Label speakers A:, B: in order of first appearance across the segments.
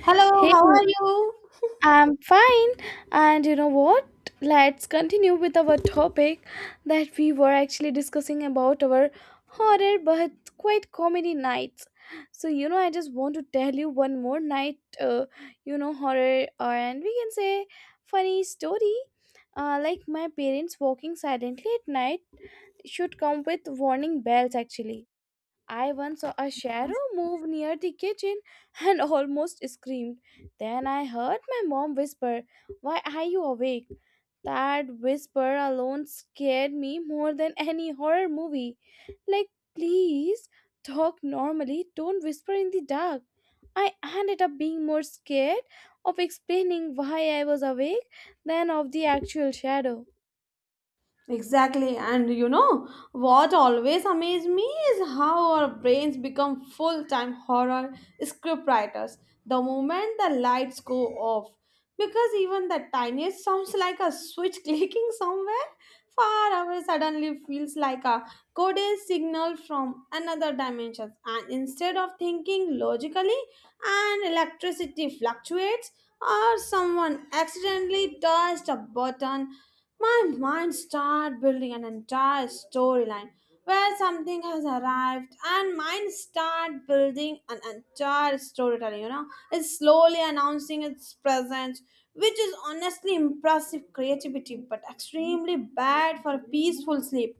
A: Hello,
B: Hey,
A: how are you?
B: I'm fine. And you know what? Let's continue with our topic that we were actually discussing about our horror but quite comedy nights. So, I just want to tell you one more night, horror or and we can say funny story. Like my parents walking silently at night should come with warning bells actually. I once saw a shadow move near the kitchen and almost screamed. Then I heard my mom whisper, why are you awake? That whisper alone scared me more than any horror movie. Like, please talk normally, don't whisper in the dark. I ended up being more scared of explaining why I was awake than of the actual shadow.
A: Exactly, and you know what always amazed me is how our brains become full time horror script writers the moment the lights go off. Because even the tiniest sounds like a switch clicking somewhere far away suddenly feels like a coded signal from another dimension. And instead of thinking logically, and electricity fluctuates, or someone accidentally touched a button, my mind started building an entire storyline where something has arrived and mine start building an entire storytelling, you know. It's slowly announcing its presence, which is honestly impressive creativity, but extremely bad for peaceful sleep.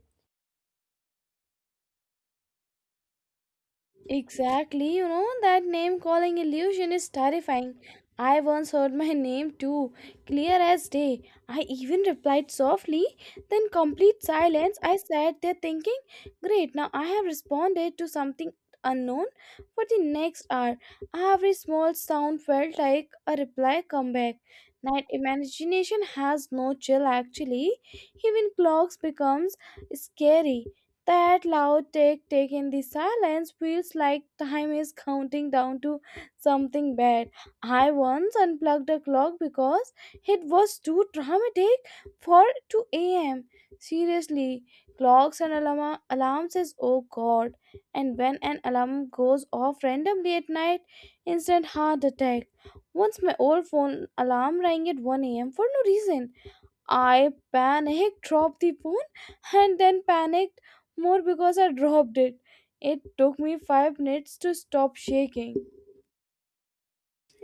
B: Exactly, you know, that name calling illusion is terrifying. I once heard my name too, clear as day. I even replied softly, then complete silence. I sat there thinking, great, now I have responded to something unknown for the next hour. Every small sound felt like a reply comeback. Night imagination has no chill actually. Even clocks becomes scary. That loud tick tick in the silence feels like time is counting down to something bad. I once unplugged a clock because it was too dramatic for 2 a.m. Seriously, clocks and alarm alarms is oh god. And when an alarm goes off randomly at night, instant heart attack. Once my old phone alarm rang at 1 a.m. for no reason. I panicked, dropped the phone, and then panicked more because I dropped it. It took me 5 minutes to stop shaking.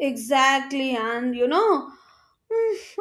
A: Exactly, and you know,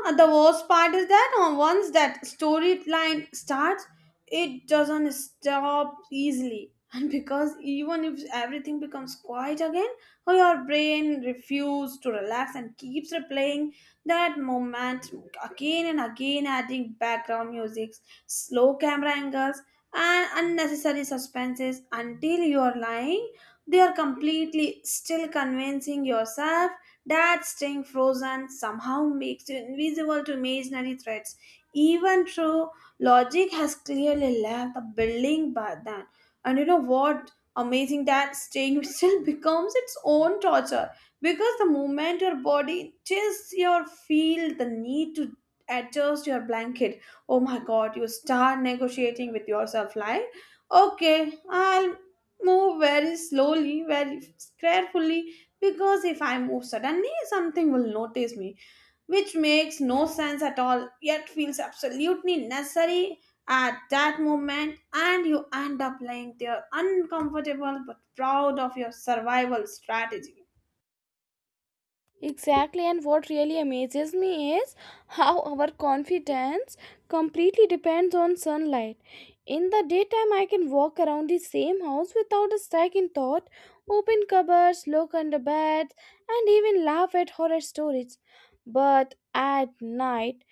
A: and the worst part is that once that storyline starts, it doesn't stop easily. And because even if everything becomes quiet again, or your brain refuses to relax and keeps replaying that moment again and again, adding background music, slow camera angles, and unnecessary suspenses until you are lying. They are completely still, convincing yourself that staying frozen somehow makes you invisible to imaginary threats. Even though logic has clearly left the building by then. And you know what? Amazing that staying still becomes its own torture, because the moment your body chills, your feel the need to adjust your blanket. Oh my god, you start negotiating with yourself like, okay, I'll move very slowly, very carefully, because if I move suddenly, something will notice me, which makes no sense at all, yet feels absolutely necessary at that moment, and you end up lying there uncomfortable but proud of your survival strategy.
B: Exactly, and what really amazes me is how our confidence completely depends on sunlight. In the daytime, I can walk around the same house without a second thought, open cupboards, look under beds, and even laugh at horror stories. But at night,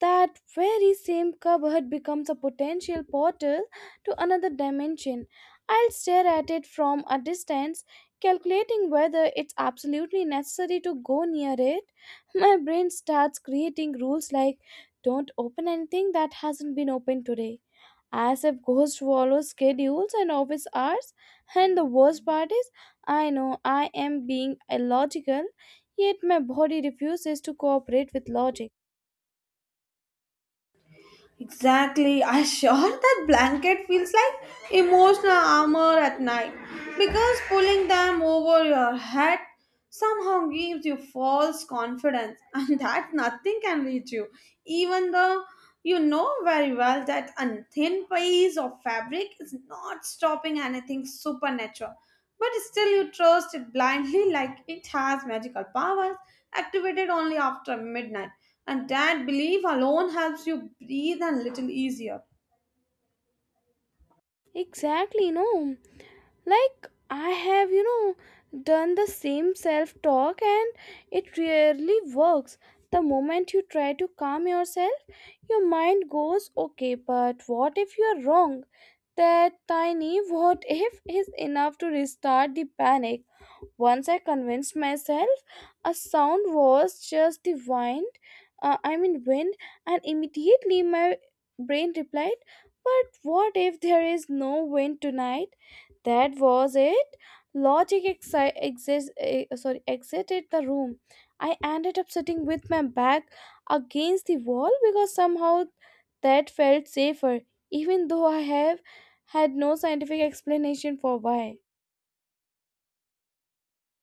B: that very same cupboard becomes a potential portal to another dimension. I'll stare at it from a distance, calculating whether it's absolutely necessary to go near it. My brain starts creating rules like don't open anything that hasn't been opened today. As if ghosts follow schedules and office hours. And the worst part is, I know I am being illogical, yet my body refuses to cooperate with logic.
A: Exactly. I sure that blanket feels like emotional armor at night because pulling them over your head somehow gives you false confidence and that nothing can reach you, even though you know very well that a thin piece of fabric is not stopping anything supernatural. But still, you trust it blindly like it has magical powers activated only after midnight. And that belief alone helps you breathe a little easier.
B: Exactly, you know, like I have, done the same self talk and it really works. The moment you try to calm yourself, your mind goes, okay, but what if you are wrong? That tiny what if is enough to restart the panic. Once I convinced myself a sound was just the wind, I mean wind, and immediately my brain replied, but what if there is no wind tonight? That was it. Logic exited the room. I ended up sitting with my back against the wall because somehow that felt safer, even though I have had no scientific explanation for why.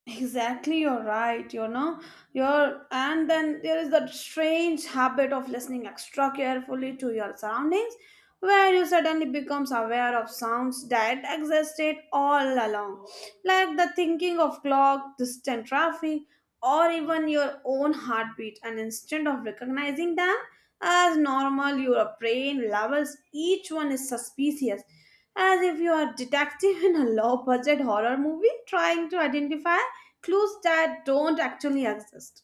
A: Exactly, you're right. You know, and then there is that strange habit of listening extra carefully to your surroundings, where you suddenly becomes aware of sounds that existed all along, like the thinking of clock, distant traffic, or even your own heartbeat. And instead of recognizing them as normal, your brain levels each one is suspicious, as if you are a detective in a low budget horror movie trying to identify clues that don't actually exist.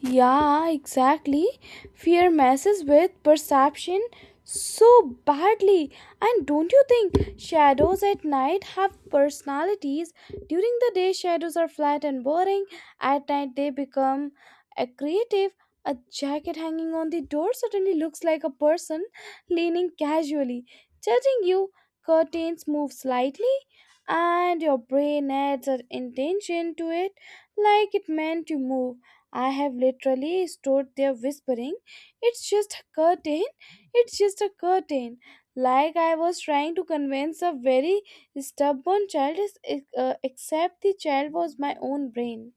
B: Yeah, exactly. Fear messes with perception so badly. And don't you think shadows at night have personalities? During the day, shadows are flat and boring. At night, they become a creative. A jacket hanging on the door suddenly looks like a person leaning casually, judging you. Curtains move slightly, and your brain adds an intention to it like it meant to move. I have literally stood there whispering, it's just a curtain, it's just a curtain, like I was trying to convince a very stubborn child, except the child was my own brain.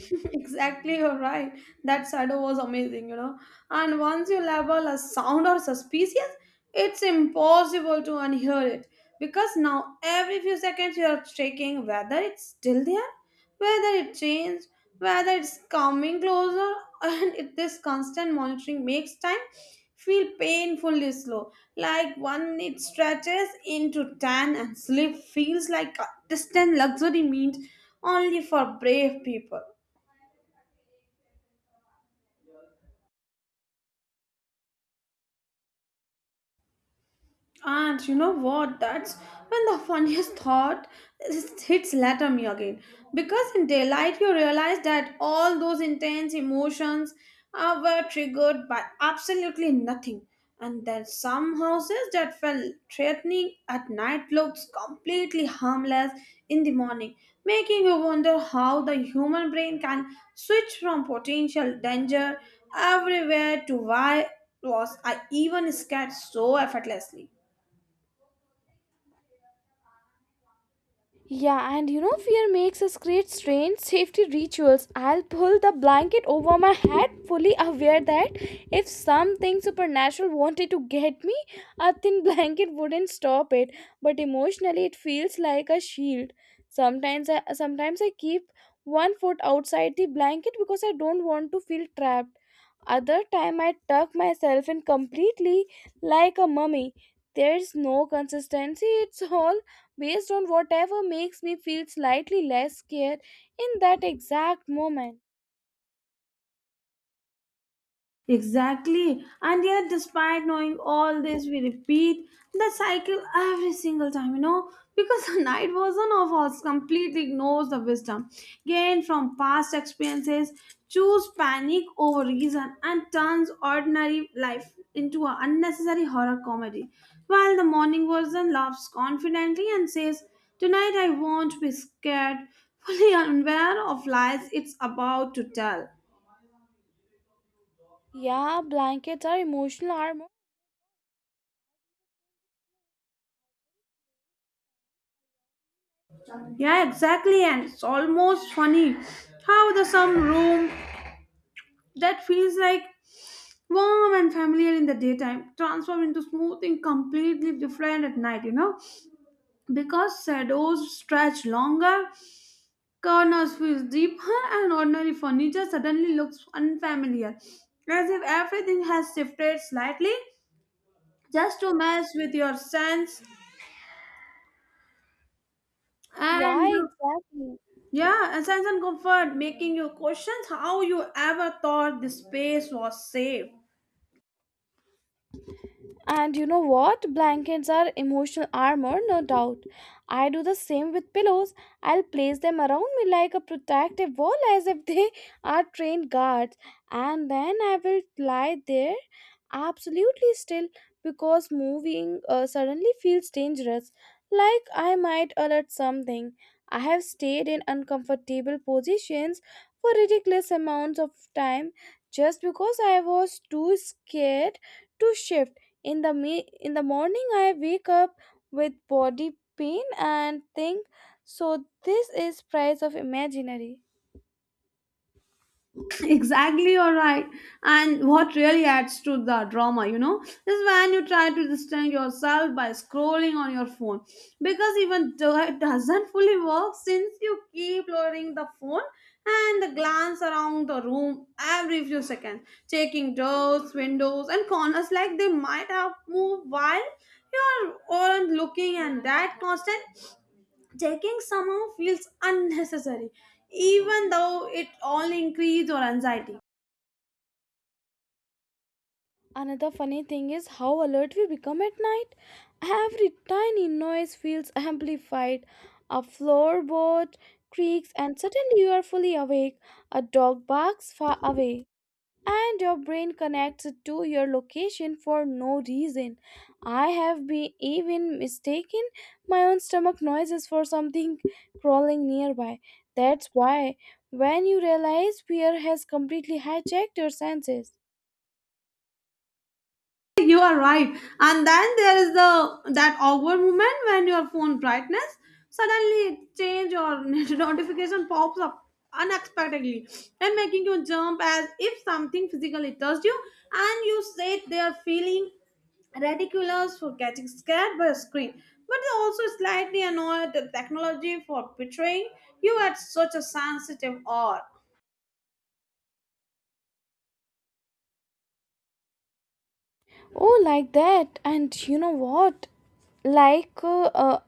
A: Exactly, you're right. That shadow was amazing, you know. And once you label a sound or suspicious, it's impossible to unhear it because now every few seconds you are checking whether it's still there, whether it changed, whether it's coming closer, and this constant monitoring makes time feel painfully slow. Like 1 minute stretches into ten, and sleep feels like a distant luxury meant only for brave people. And you know what? That's when the funniest thought hits later me again. Because in daylight, you realize that all those intense emotions were triggered by absolutely nothing. And then some houses that felt threatening at night looks completely harmless in the morning, making you wonder how the human brain can switch from potential danger everywhere to why was I even scared so effortlessly.
B: Yeah, and you know, fear makes us create strange safety rituals. I'll pull the blanket over my head, fully aware that if something supernatural wanted to get me, a thin blanket wouldn't stop it. But emotionally, it feels like a shield. Sometimes I keep one foot outside the blanket because I don't want to feel trapped. Other time I tuck myself in completely like a mummy. There's no consistency, it's all based on whatever makes me feel slightly less scared in that exact moment.
A: Exactly. And yet, despite knowing all this, we repeat the cycle every single time, you know, because the night version of us completely ignores the wisdom gained from past experiences, choose panic over reason, and turns ordinary life into an unnecessary horror comedy. While the morning version laughs confidently and says, tonight I won't be scared, fully unaware of lies it's about to tell.
B: Yeah, blankets are emotional armor.
A: Yeah, exactly. And it's almost funny how the some room that feels like warm and familiar in the daytime transform into something completely different at night, you know? Because shadows stretch longer, corners feel deeper, and ordinary furniture suddenly looks unfamiliar. As if everything has shifted slightly just to mess with your sense
B: Yeah,
A: and
B: exactly.
A: yeah, and sense and comfort, making you question how you ever thought the space was safe.
B: And you know what? Blankets are emotional armor, no doubt. I do the same with pillows. I'll place them around me like a protective wall as if they are trained guards. And then I will lie there absolutely still because moving suddenly feels dangerous, like I might alert something. I have stayed in uncomfortable positions for ridiculous amounts of time just because I was too scared to shift in the me in the morning I wake up with body pain and think so this is price of imaginary
A: Exactly, you're right. And what really adds to the drama, you know, is when you try to distract yourself by scrolling on your phone. Because even though it doesn't fully work, since you keep lowering the phone and the glance around the room every few seconds, checking doors, windows, and corners like they might have moved while you are aren't looking, and that constant checking somehow feels unnecessary even though it all increases your anxiety.
B: another funny thing is how alert we become at night every tiny noise feels amplified a floorboard creaks and suddenly you are fully awake a dog barks far away and your brain connects to your location for no reason. I have been even mistaken my own stomach noises for something crawling nearby. That's why when you realize fear has completely hijacked your senses,
A: You are right, and then there is the that awkward moment when your phone brightness suddenly change or notification pops up unexpectedly and making you jump as if something physically touched you, and you sit there feeling ridiculous for getting scared by a screen, but also slightly annoyed at technology for betraying you at such a sensitive hour.
B: oh, like that. And you know what? Like, uh, uh,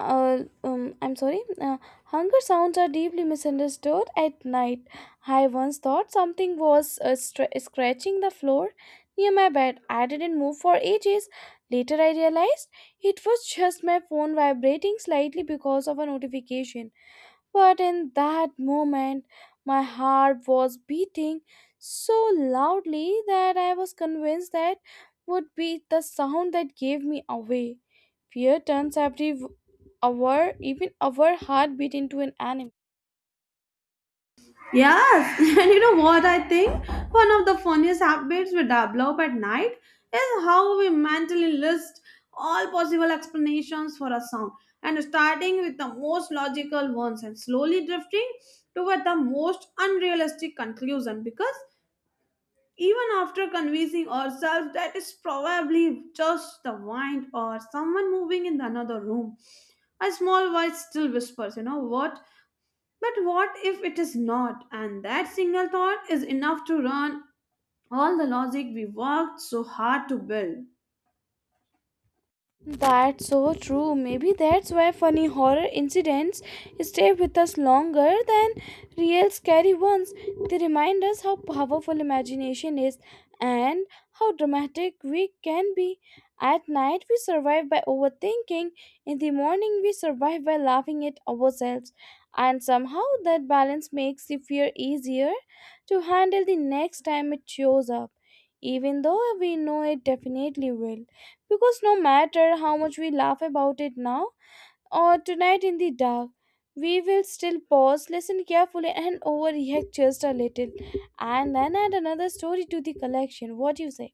B: uh, um, I'm sorry, uh, Hunger sounds are deeply misunderstood at night. I once thought something was scratching the floor near my bed. I didn't move for ages. Later, I realized it was just my phone vibrating slightly because of a notification. But in that moment, my heart was beating so loudly that I was convinced that would be the sound that gave me away. Fear turns every hour, even our heartbeat, into an enemy.
A: Yes, and you know what I think? One of the funniest habits we develop at night is how we mentally list all possible explanations for a sound, and starting with the most logical ones and slowly drifting toward the most unrealistic conclusion because even after convincing ourselves that it's probably just the wind or someone moving in another room, a small voice still whispers, you know what? But what if it is not? And that single thought is enough to run all the logic we worked so hard to build.
B: That's so true. Maybe that's why funny horror incidents stay with us longer than real scary ones. They remind us how powerful imagination is and how dramatic we can be. At night, we survive by overthinking. In the morning, we survive by laughing at ourselves. And somehow, that balance makes the fear easier to handle the next time it shows up, even though we know it definitely will. Because no matter how much we laugh about it now or tonight in the dark, we will still pause, listen carefully, and overreact just a little, and then add another story to the collection. What do you say?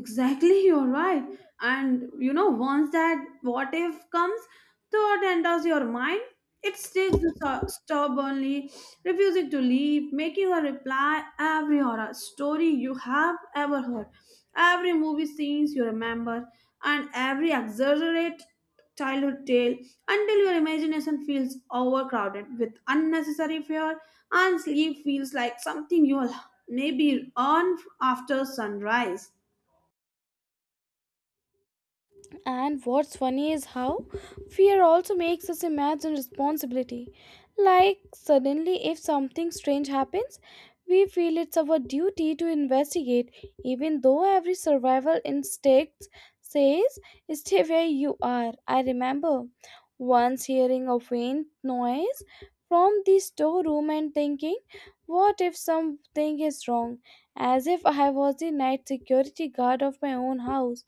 A: Exactly, you're right. And you know, once that what if comes, thought enters your mind, it sticks stubbornly, refusing to leave, making a reply every horror story you have ever heard, every movie scenes you remember, and every exaggerated childhood tale until your imagination feels overcrowded with unnecessary fear and sleep feels like something you'll maybe earn after sunrise.
B: And what's funny is how fear also makes us imagine responsibility. Like, suddenly, if something strange happens, we feel it's our duty to investigate, even though every survival instinct says, stay where you are. I remember once hearing a faint noise from the storeroom and thinking, what if something is wrong? As if I was the night security guard of my own house.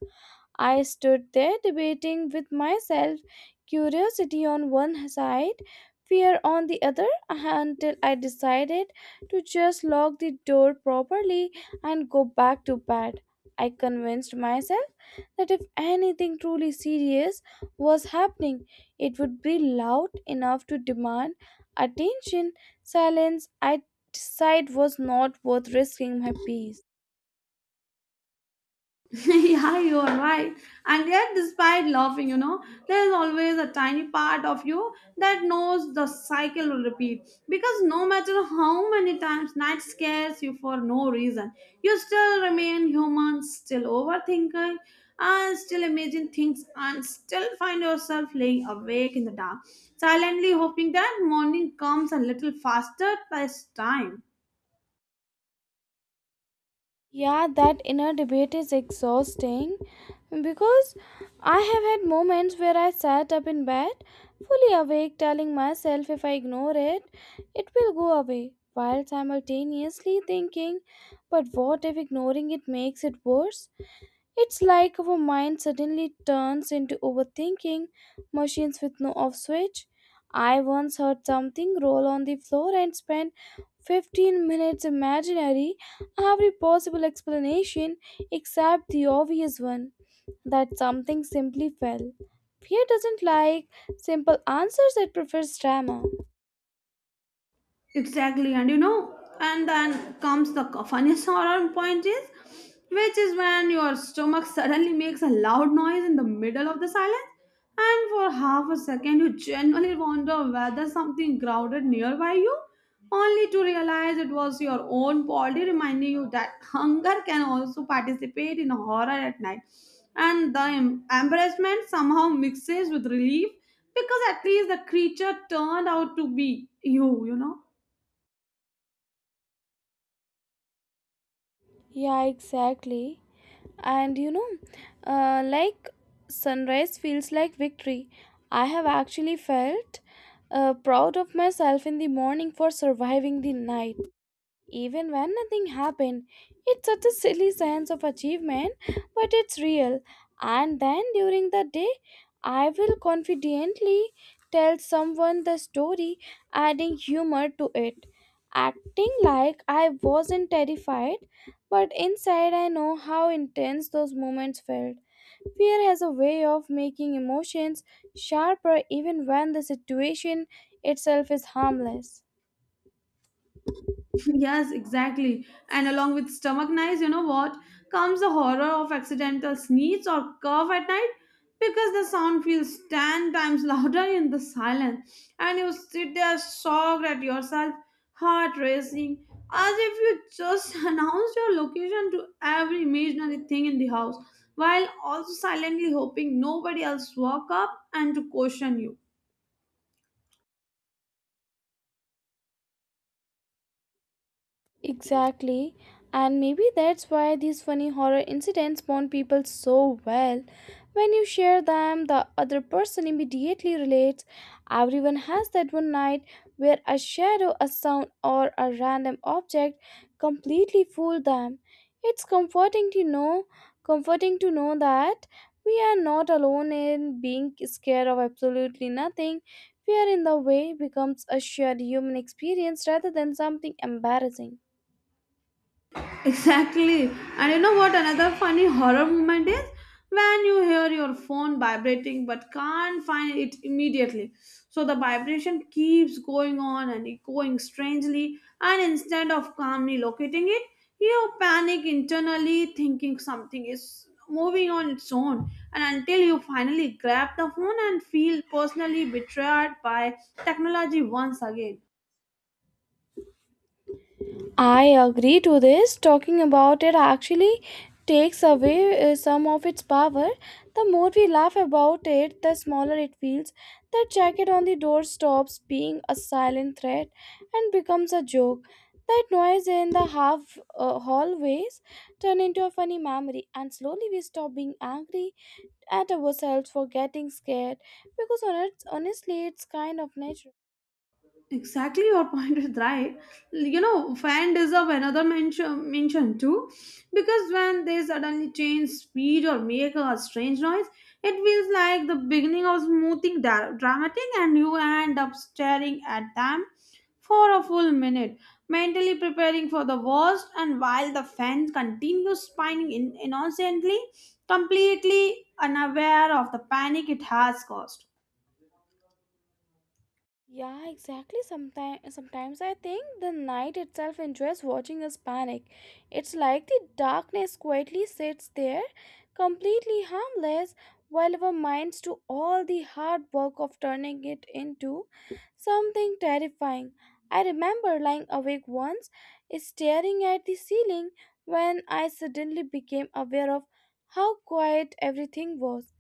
B: I stood there debating with myself, curiosity on one side, fear on the other, until I decided to just lock the door properly and go back to bed. I convinced myself that if anything truly serious was happening, it would be loud enough to demand attention. Silence, I decided, was not worth risking my peace.
A: Yeah, you are right. And yet, despite laughing, you know, there is always a tiny part of you that knows the cycle will repeat. Because no matter how many times night scares you for no reason, you still remain human, still overthinking, and still imagine things, and still find yourself laying awake in the dark, silently hoping that morning comes a little faster this time.
B: Yeah, that inner debate is exhausting because I have had moments where I sat up in bed, fully awake, telling myself if I ignore it, it will go away, while simultaneously thinking, but what if ignoring it makes it worse? It's like our mind suddenly turns into overthinking machines with no off switch. I once heard something roll on the floor and spent 15 minutes imaginary every possible explanation except the obvious one that something simply fell. Fear doesn't like simple answers, it prefers drama.
A: Exactly, and you know, and then comes the funniest horror point is, which is when your stomach suddenly makes a loud noise in the middle of the silence, and for half a second you genuinely wonder whether something crowded nearby you, only to realize it was your own body reminding you that hunger can also participate in horror at night, and the embarrassment somehow mixes with relief because at least the creature turned out to be you, you know.
B: Yeah, exactly. And you know, like sunrise feels like victory. I have actually felt proud of myself in the morning for surviving the night. Even when nothing happened, it's such a silly sense of achievement, but it's real. And then during the day, I will confidently tell someone the story, adding humor to it. Acting like I wasn't terrified, but inside I know how intense those moments felt. Fear has a way of making emotions sharper even when the situation itself is harmless.
A: Yes, exactly. And along with stomach knives, you know what? Comes the horror of accidental sneeze or cough at night because the sound feels 10 times louder in the silence. And you sit there shocked at yourself, heart racing, as if you just announced your location to every imaginary thing in the house, while also silently hoping nobody else walk up and to caution you.
B: Exactly. And maybe that's why these funny horror incidents bond people so well. When you share them, the other person immediately relates. Everyone has that one night where a shadow, a sound, or a random object completely fooled them. It's comforting to know that we are not alone in being scared of absolutely nothing. Fear in the way becomes a shared human experience rather than something embarrassing.
A: Exactly. And you know what another funny horror moment is? When you hear your phone vibrating but can't find it immediately. So the vibration keeps going on and echoing strangely, and instead of calmly locating it, you panic internally thinking something is moving on its own. And until you finally grab the phone and feel personally betrayed by technology once again.
B: I agree to this. Talking about it actually takes away some of its power. The more we laugh about it, the smaller it feels. The jacket on the door stops being a silent threat and becomes a joke. That noise in the half hallways turn into a funny memory, and slowly we stop being angry at ourselves for getting scared because honestly, it's kind of natural.
A: Exactly, your point is right. You know, fan deserve another mention too, because when they suddenly change speed or make a strange noise, it feels like the beginning of smoothing dramatic, and you end up staring at them for a full minute, mentally preparing for the worst. And while the fan continues spinning innocently, completely unaware of the panic it has caused.
B: Yeah, exactly. Sometimes I think the night itself enjoys watching us panic. It's like the darkness quietly sits there, completely harmless, while our minds do all the hard work of turning it into something terrifying. I remember lying awake once, staring at the ceiling, when I suddenly became aware of how quiet everything was.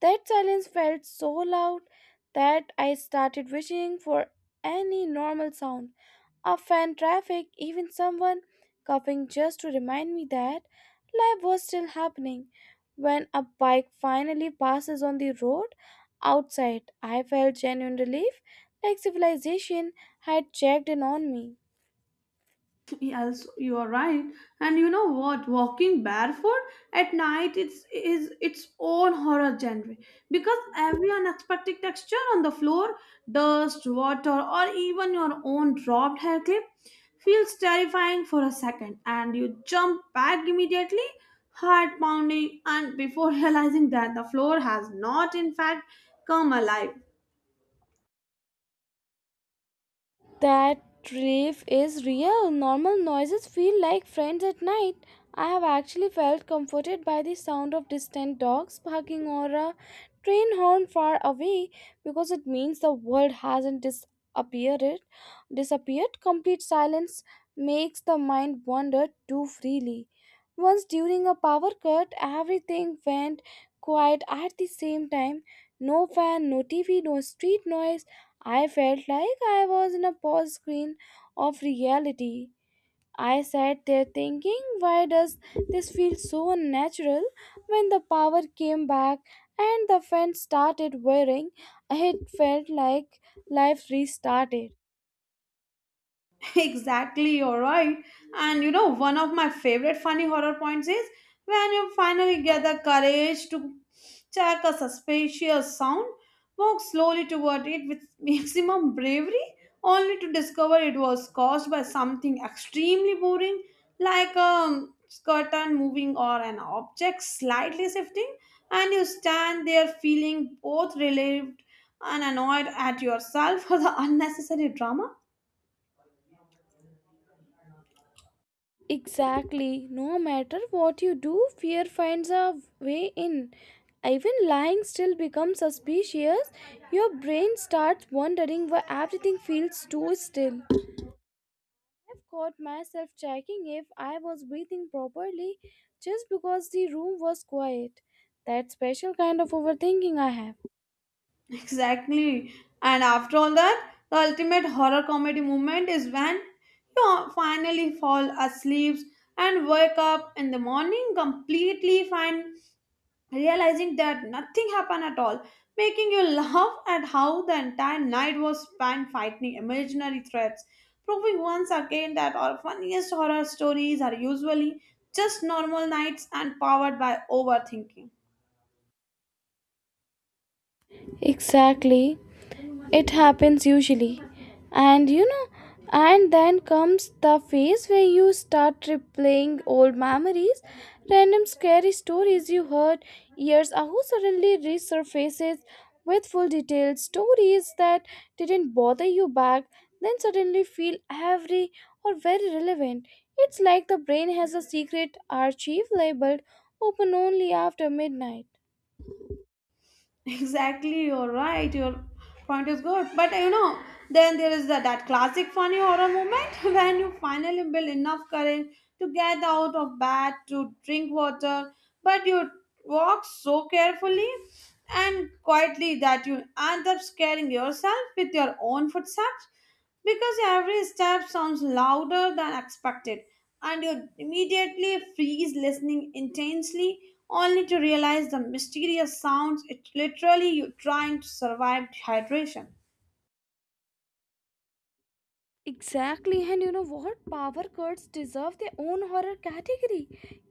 B: That silence felt so loud that I started wishing for any normal sound. A fan traffic, even someone coughing just to remind me that life was still happening. When a bike finally passes on the road outside, I felt genuine relief, like civilization had checked in on me.
A: Yes, you are right. And you know what? Walking barefoot at night it's is its own horror genre because every unexpected texture on the floor, dust, water, or even your own dropped hair clip feels terrifying for a second and you jump back immediately, heart pounding, and before realizing that the floor has not in fact come alive.
B: That relief is real. Normal noises feel like friends at night. I have actually felt comforted by the sound of distant dogs barking or a train horn far away because it means the world hasn't disappeared. Disappeared. Complete silence makes the mind wander too freely. Once during a power cut, everything went quiet at the same time. No fan, no TV, no street noise. I felt like I was in a pause screen of reality. I sat there thinking, why does this feel so unnatural? When the power came back and the fan started whirring, it felt like life restarted.
A: Exactly, you're right. And you know, one of my favorite funny horror points is when you finally get the courage to check a suspicious sound, walk slowly toward it with maximum bravery, only to discover it was caused by something extremely boring, like a curtain moving or an object slightly shifting, and you stand there feeling both relieved and annoyed at yourself for the unnecessary drama.
B: Exactly, no matter what you do, fear finds a way in. Even lying still becomes suspicious. Your brain starts wondering why everything feels too still. I've caught myself checking if I was breathing properly just because the room was quiet. That special kind of overthinking I have.
A: Exactly. And after all that, the ultimate horror comedy moment is when you finally fall asleep and wake up in the morning completely fine, realizing that nothing happened at all, making you laugh at how the entire night was spent fighting imaginary threats, proving once again that our funniest horror stories are usually just normal nights and powered by overthinking.
B: Exactly. It happens usually. And you know, and then comes the phase where you start replaying old memories. Random scary stories you heard years ago suddenly resurfaces with full details. Stories that didn't bother you back then suddenly feel every or very relevant. It's like the brain has a secret archive labeled open only after midnight.
A: Exactly, you're right. Your point is good. But you know, then there is that classic funny horror moment when you finally build enough courage to get out of bed to drink water, but you walk so carefully and quietly that you end up scaring yourself with your own footsteps because every step sounds louder than expected and you immediately freeze listening intensely only to realize the mysterious sounds it literally you trying to survive dehydration.
B: Exactly, and you know what? Power cuts deserve their own horror category.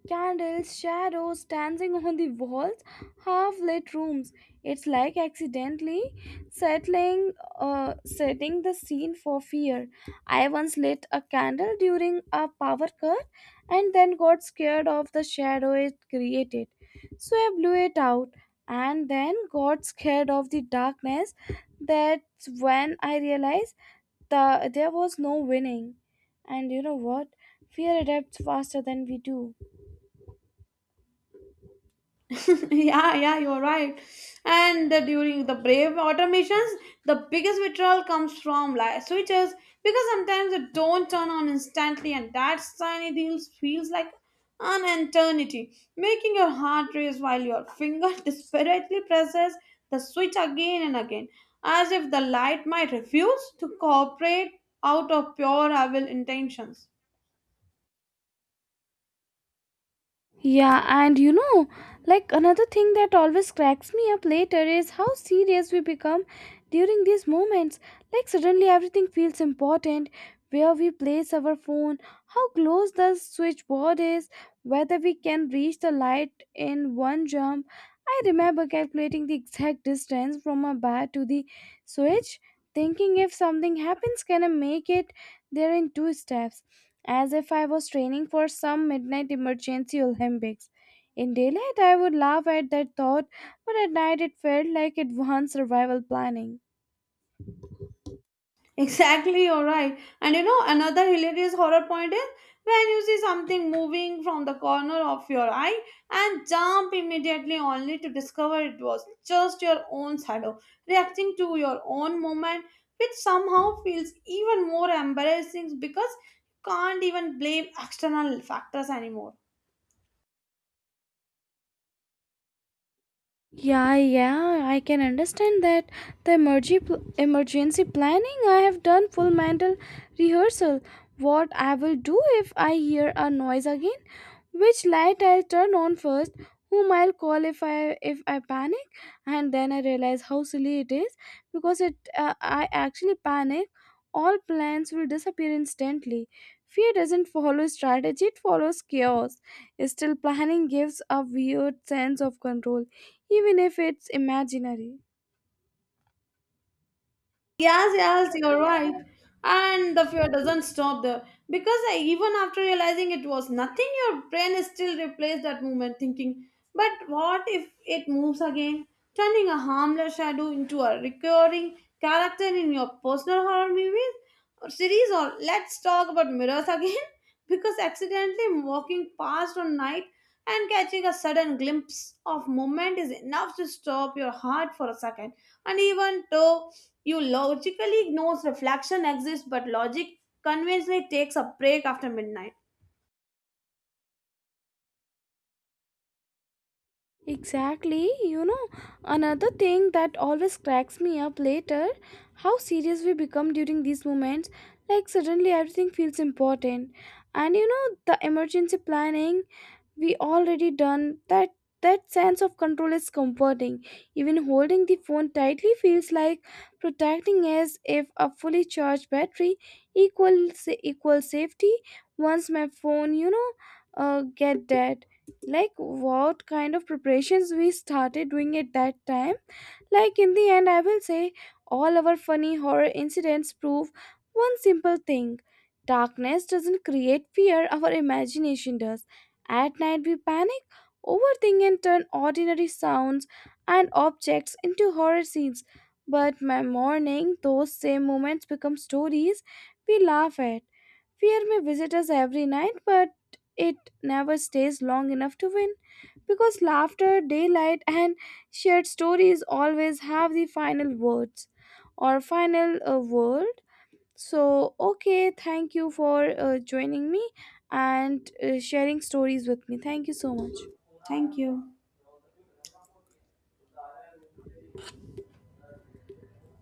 B: Candles, shadows, dancing on the walls, half lit rooms. It's like accidentally settling, setting the scene for fear. I once lit a candle during a power cut and then got scared of the shadow it created. So I blew it out and then got scared of the darkness. That's when I realized there was no winning. And you know what? Fear adapts faster than we do.
A: Yeah, you're right. And the, during the Brave automations, the biggest withdrawal comes from like switches because sometimes they don't turn on instantly, and that tiny deal feels like an eternity, making your heart race while your finger desperately presses the switch again and again, as if the light might refuse to cooperate out of pure evil intentions.
B: Yeah, and you know, like another thing that always cracks me up later is how serious we become during these moments. Like, suddenly everything feels important, where we place our phone, how close the switchboard is, whether we can reach the light in one jump. I remember calculating the exact distance from my bed to the switch, thinking if something happens, can I make it there in two steps? As if I was training for some midnight emergency Olympics. In daylight, I would laugh at that thought, but at night it felt like advanced survival planning.
A: Exactly, you're right. And you know, another hilarious horror point is when you see something moving from the corner of your eye and jump immediately only to discover it was just your own shadow reacting to your own movement, which somehow feels even more embarrassing because you can't even blame external factors anymore.
B: Yeah, yeah, I can understand that. The emergency planning, I have done full mental rehearsal. What I will do if I hear a noise again, which light I'll turn on first, whom I'll call if I panic, and then I realize how silly it is because it I actually panic. All plans will disappear instantly. Fear doesn't follow strategy; it follows chaos. Still, planning gives a weird sense of control even if it's imaginary.
A: Yes, you're right. And the fear doesn't stop there because even after realizing it was nothing, your brain is still replaced that movement, thinking, but what if it moves again, turning a harmless shadow into a recurring character in your personal horror movies or series? Or let's talk about mirrors again because accidentally walking past on night and catching a sudden glimpse of movement is enough to stop your heart for a second, and even though you logically ignores reflection exists, but logic conventionally takes a break after midnight.
B: Exactly, you know, another thing that always cracks me up later, how serious we become during these moments. Like, suddenly everything feels important, and you know, the emergency planning we already done that, that sense of control is comforting, even holding the phone tightly feels like protecting, as if a fully charged battery equals equal safety. Once my phone, you know, get dead, like what kind of preparations we started doing at that time. Like, in the end I will say, all our funny horror incidents prove one simple thing, darkness doesn't create fear, our imagination does. At night, we panic, overthink, and turn ordinary sounds and objects into horror scenes. But by morning, those same moments become stories we laugh at. Fear may visit us every night, but it never stays long enough to win because laughter, daylight, and shared stories always have the final words or final word. So, okay, thank you for joining me and sharing stories with me. Thank you so much.
A: Thank you.